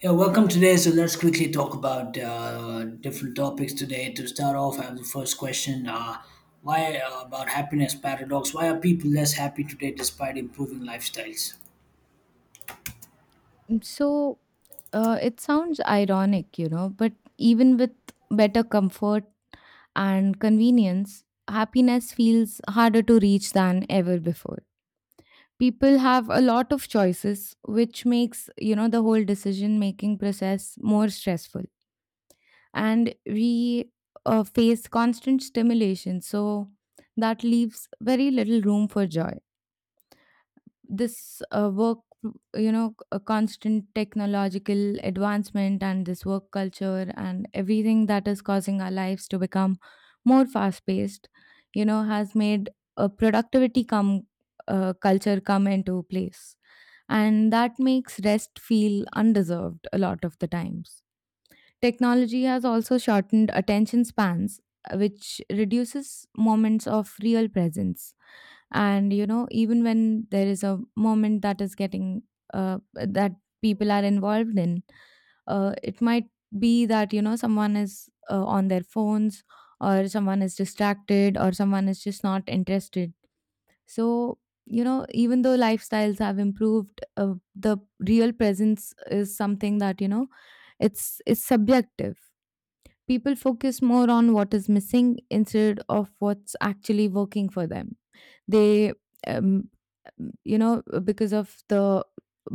Yeah, welcome today. So let's quickly talk about different topics today. To start off, I have the first question: Why about happiness paradox? Why are people less happy today despite improving lifestyles? So it sounds ironic, you know, but even with better comfort and convenience, happiness feels harder to reach than ever before. People have a lot of choices, which makes, you know, the whole decision making process more stressful. And we face constant stimulation, so that leaves very little room for joy. This work, you know, a constant technological advancement and this work culture and everything that is causing our lives to become more fast paced, you know, has made a productivity come culture come into place, and that makes rest feel undeserved a lot of the times. Technology has also shortened attention spans, which reduces moments of real presence. And, you know, even when there is a moment that is getting, that people are involved in, it might be that, you know, someone is on their phones or someone is distracted or someone is just not interested. So, you know, even though lifestyles have improved, the real presence is something that, you know, it's subjective. People focus more on what is missing instead of what's actually working for them. They, um, you know, because of the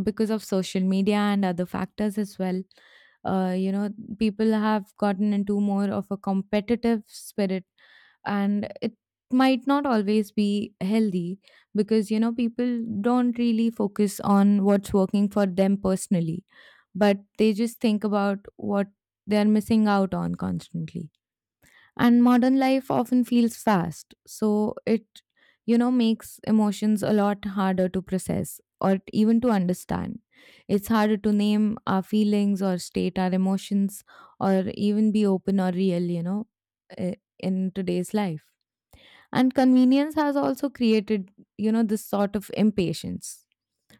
because of social media and other factors as well, you know, people have gotten into more of a competitive spirit, and it might not always be healthy, because you know people don't really focus on what's working for them personally, but they just think about what they're missing out on constantly. And modern life often feels fast, so it, you know, makes emotions a lot harder to process or even to understand. It's harder to name our feelings or state our emotions or even be open or real, you know, eh, in today's life. And convenience has also created, you know, this sort of impatience.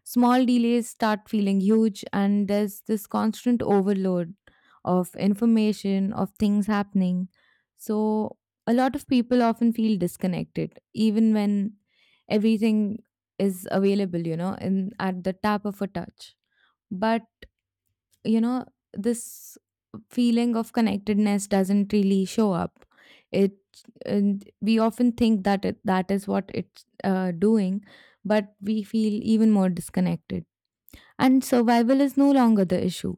Small delays start feeling huge, and there's this constant overload of information, of things happening. So, a lot of people often feel disconnected, even when everything is available, you know, in at the tap of a touch, but you know this feeling of connectedness doesn't really show up. It, and we often think that it, that is what it's doing, but we feel even more disconnected. And survival is no longer the issue.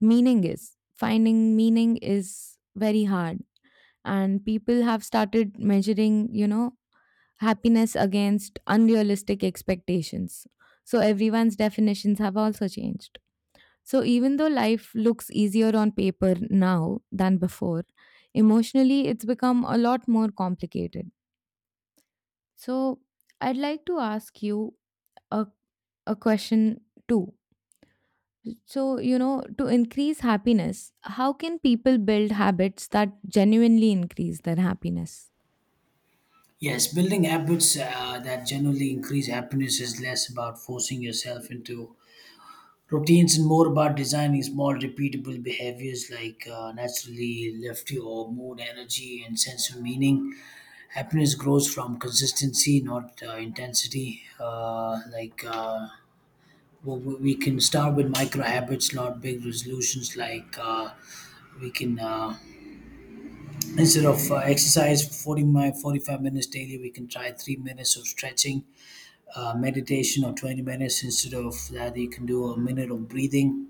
Meaning is, finding meaning is very hard, and people have started measuring, you know, happiness against unrealistic expectations, so everyone's definitions have also changed. So, even though life looks easier on paper now than before, emotionally it's become a lot more complicated. So, I'd like to ask you a, a question too. So, you know, to increase happiness, how can people build habits that genuinely increase their happiness? Yes, building habits that generally increase happiness is less about forcing yourself into routines and more about designing small, repeatable behaviors like naturally lift your mood, energy, and sense of meaning. Happiness grows from consistency, not intensity. Like, we can start with micro habits, not big resolutions. Like, we can, instead of exercise for 45 minutes daily, we can try 3 minutes of stretching, meditation, or 20 minutes. Instead of that, you can do a minute of breathing,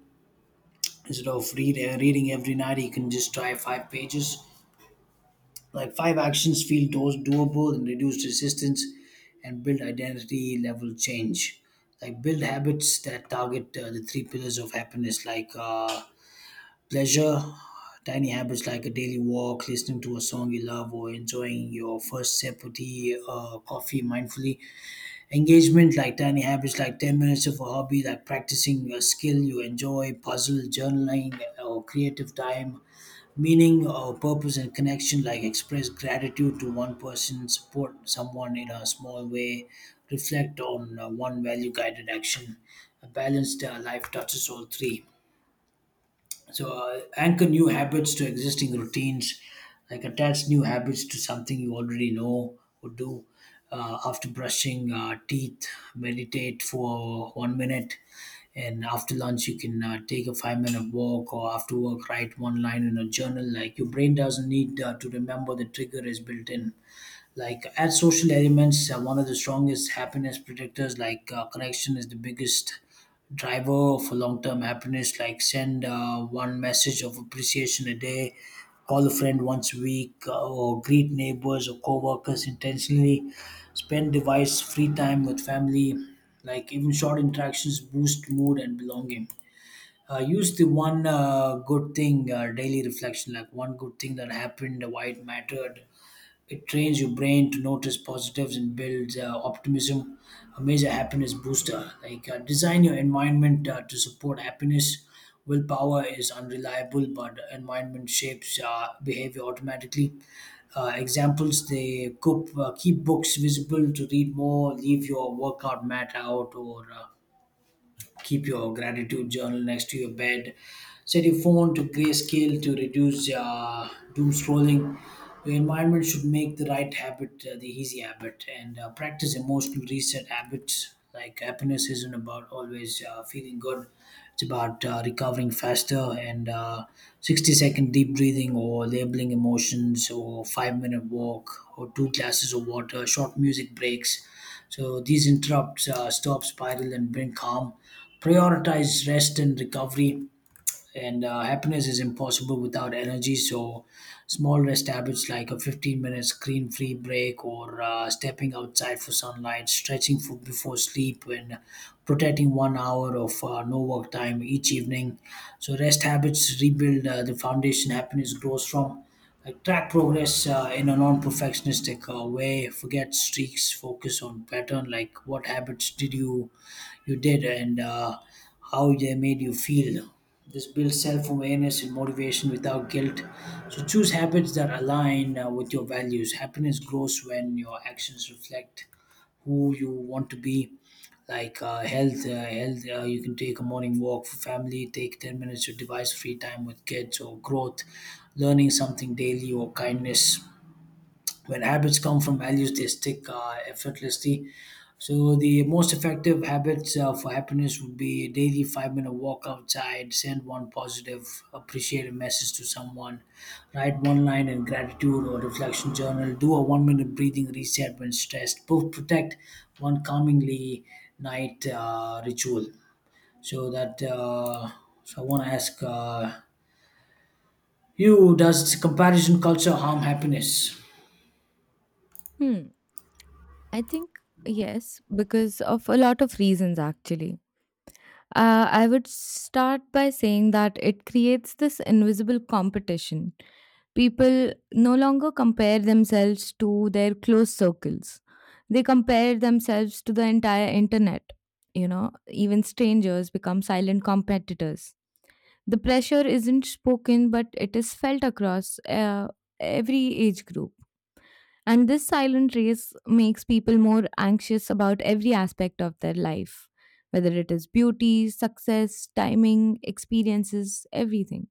instead of reading every night, you can just try five pages. Like, five actions feel those doable and reduce resistance and build identity level change. Like build habits that target the three pillars of happiness, like pleasure. Tiny habits like a daily walk, listening to a song you love, or enjoying your first sip of tea coffee mindfully. Engagement, like tiny habits like 10 minutes of a hobby, like practicing a skill you enjoy, puzzle, journaling, or creative time. Meaning or purpose and connection, like express gratitude to one person, support someone in a small way, reflect on one value guided action. A balanced life touches all three. So anchor new habits to existing routines, like attach new habits to something you already know or do. After brushing teeth, meditate for 1 minute, and after lunch you can take a 5-minute walk, or after work write one line in a journal. Like, your brain doesn't need to remember; the trigger is built in, like as social elements. One of the strongest happiness predictors, like connection, is the biggest driver for long-term happiness. Like send one message of appreciation a day, call a friend once a week, or greet neighbors or co-workers intentionally, spend device free time with family. Like even short interactions boost mood and belonging. Use the one good thing daily reflection, like one good thing that happened, why it mattered. It trains your brain to notice positives and builds optimism, a major happiness booster. Like design your environment to support happiness. Willpower is unreliable, but environment shapes behavior automatically. Examples: they cook, keep books visible to read more, leave your workout mat out, or keep your gratitude journal next to your bed, set your phone to grayscale to reduce doom scrolling. Your environment should make the right habit the easy habit, and practice emotional reset habits. Like happiness isn't about always feeling good, it's about recovering faster, and 60-second deep breathing, or labeling emotions, or 5-minute walk, or two glasses of water, short music breaks. So these interrupts stop spiral and bring calm. Prioritize rest and recovery, and happiness is impossible without energy. So small rest habits like a 15-minute screen free break, or stepping outside for sunlight, stretching for, before sleep, and protecting 1 hour of no work time each evening. So rest habits rebuild the foundation happiness grows from. Like track progress in a non-perfectionistic way, forget streaks, focus on pattern. Like what habits did you did, and how they made you feel. This builds self awareness and motivation without guilt. So choose habits that align with your values. Happiness grows when your actions reflect who you want to be. Like health. You can take a morning walk for family. Take 10 minutes of device free time with kids, or growth, learning something daily, or kindness. When habits come from values, they stick effortlessly. So the most effective habits for happiness would be a daily 5-minute walk outside, send one positive appreciative message to someone, write one line in gratitude or reflection journal, do a 1-minute breathing reset when stressed, protect one calmingly night ritual. So that uh, so I want to ask you, does comparison culture harm happiness? Hmm. I think yes, because of a lot of reasons actually. I would start by saying that it creates this invisible competition. People no longer compare themselves to their close circles, they compare themselves to the entire internet. You know, even strangers become silent competitors. The pressure isn't spoken, but it is felt across every age group. And this silent race makes people more anxious about every aspect of their life, whether it is beauty, success, timing, experiences, everything.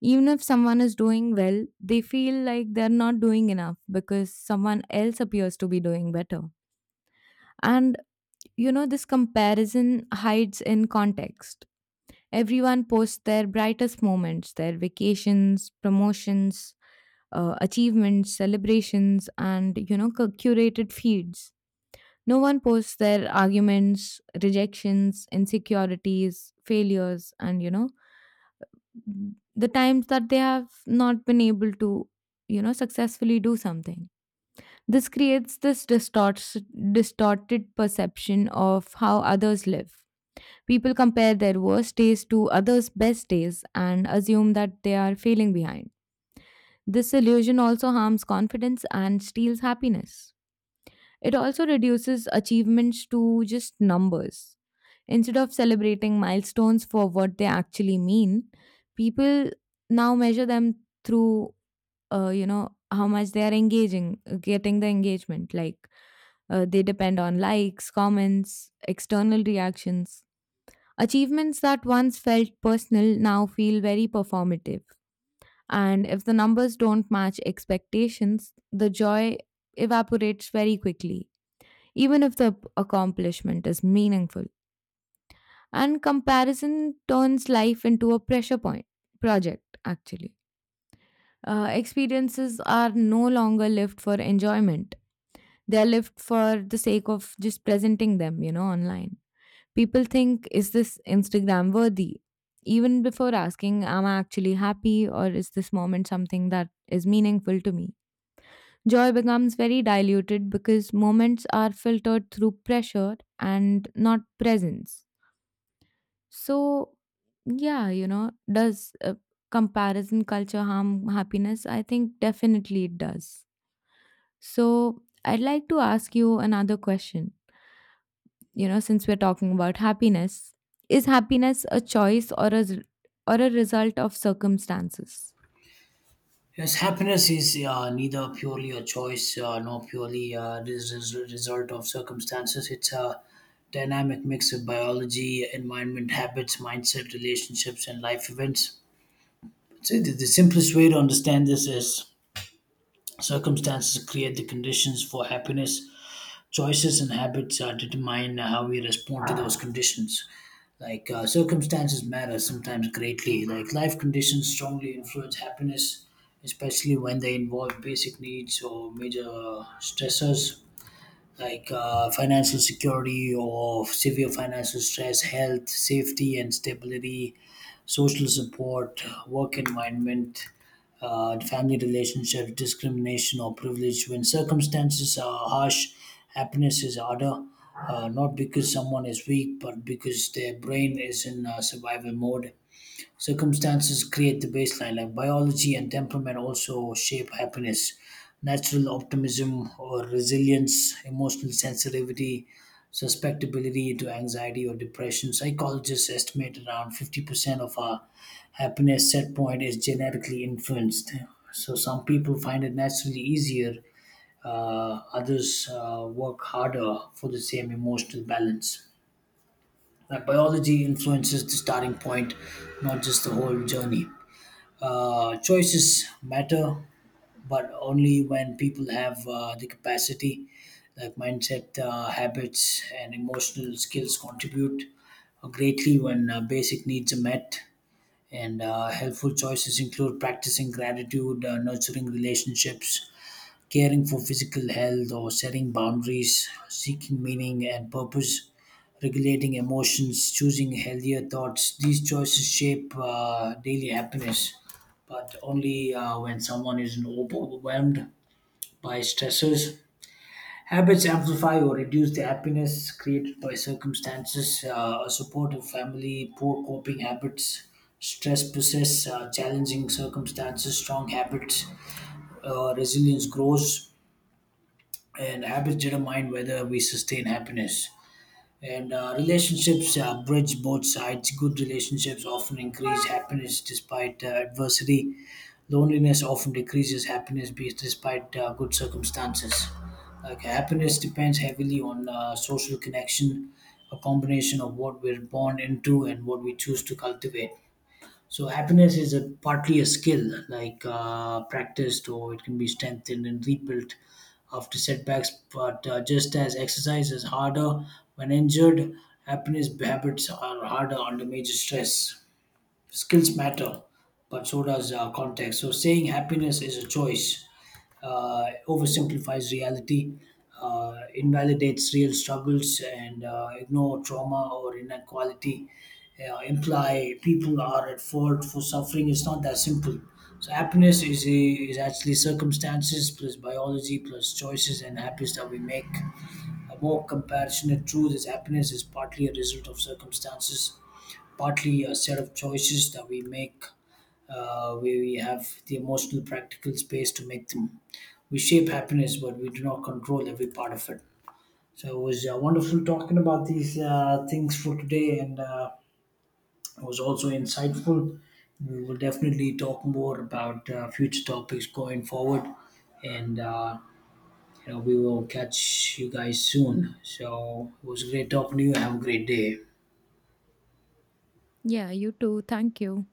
Even if someone is doing well, they feel like they're not doing enough because someone else appears to be doing better. And you know, this comparison hides in context. Everyone posts their brightest moments, their vacations, promotions, achievements, celebrations, and you know, curated feeds. No one posts their arguments, rejections, insecurities, failures, and you know, the times that they have not been able to, you know, successfully do something. This creates this distorted perception of how others live. People compare their worst days to others' best days and assume that they are failing behind. This illusion also harms confidence and steals happiness. It also reduces achievements to just numbers. Instead of celebrating milestones for what they actually mean, people now measure them through, you know, how much they are engaging, getting the engagement. Like they depend on likes, comments, external reactions. Achievements that once felt personal now feel very performative. And if the numbers don't match expectations, the joy evaporates very quickly, even if the accomplishment is meaningful. And comparison turns life into a pressure point project, actually. Experiences are no longer lived for enjoyment, they're lived for the sake of just presenting them, you know, online. People think, is this Instagram worthy? Even before asking, am I actually happy or is this moment something that is meaningful to me? Joy becomes very diluted because moments are filtered through pressure and not presence. So, yeah, you know, does comparison culture harm happiness? I think definitely it does. So, I'd like to ask you another question, you know, since we're talking about happiness, is happiness a choice or a, or a result of circumstances? Yes, happiness is neither purely a choice nor purely this is a result of circumstances. It's a dynamic mix of biology, environment, habits, mindset, relationships, and life events. So the simplest way to understand this is circumstances create the conditions for happiness. Choices and habits determine how we respond to those conditions. Like circumstances matter sometimes greatly. Like life conditions strongly influence happiness, especially when they involve basic needs or major stressors, like financial security or severe financial stress, health, safety, and stability, social support, work environment, family relationship, discrimination, or privilege. When circumstances are harsh, happiness is harder. Not because someone is weak, but because their brain is in survival mode. Circumstances create the baseline, like biology and temperament also shape happiness. Natural optimism or resilience, emotional sensitivity, susceptibility to anxiety or depression. Psychologists estimate around 50% of our happiness set point is genetically influenced. So some people find it naturally easier, others work harder for the same emotional balance. Like biology influences the starting point, not just the whole journey. Choices matter, but only when people have the capacity, like mindset, habits, and emotional skills contribute greatly when basic needs are met. And helpful choices include practicing gratitude, nurturing relationships, caring for physical health, or setting boundaries, seeking meaning and purpose, regulating emotions, choosing healthier thoughts. These choices shape daily happiness, but only when someone is overwhelmed by stressors. Habits amplify or reduce the happiness created by circumstances. A supportive family, poor coping habits, stress persists, challenging circumstances, strong habits, resilience grows, and habits determine whether we sustain happiness. And relationships bridge both sides. Good relationships often increase happiness despite adversity. Loneliness often decreases happiness despite good circumstances. Like happiness depends heavily on social connection, a combination of what we're born into and what we choose to cultivate. So happiness is a partly a skill, like practiced, or it can be strengthened and rebuilt after setbacks. But just as exercise is harder when injured, happiness habits are harder under major stress. Skills matter, but so does context. So saying happiness is a choice oversimplifies reality, invalidates real struggles, and ignore trauma or inequality. Imply people are at fault for suffering. It's not that simple. So happiness is actually circumstances plus biology plus choices and habits that we make. A more compassionate truth is happiness is partly a result of circumstances, partly a set of choices that we make, where we have the emotional practical space to make them. We shape happiness, but we do not control every part of it. So it was wonderful talking about these things for today, and it was also insightful. We will definitely talk more about future topics going forward, and we will catch you guys soon. So it was great talking to you. Have a great day. Yeah, you too. Thank you.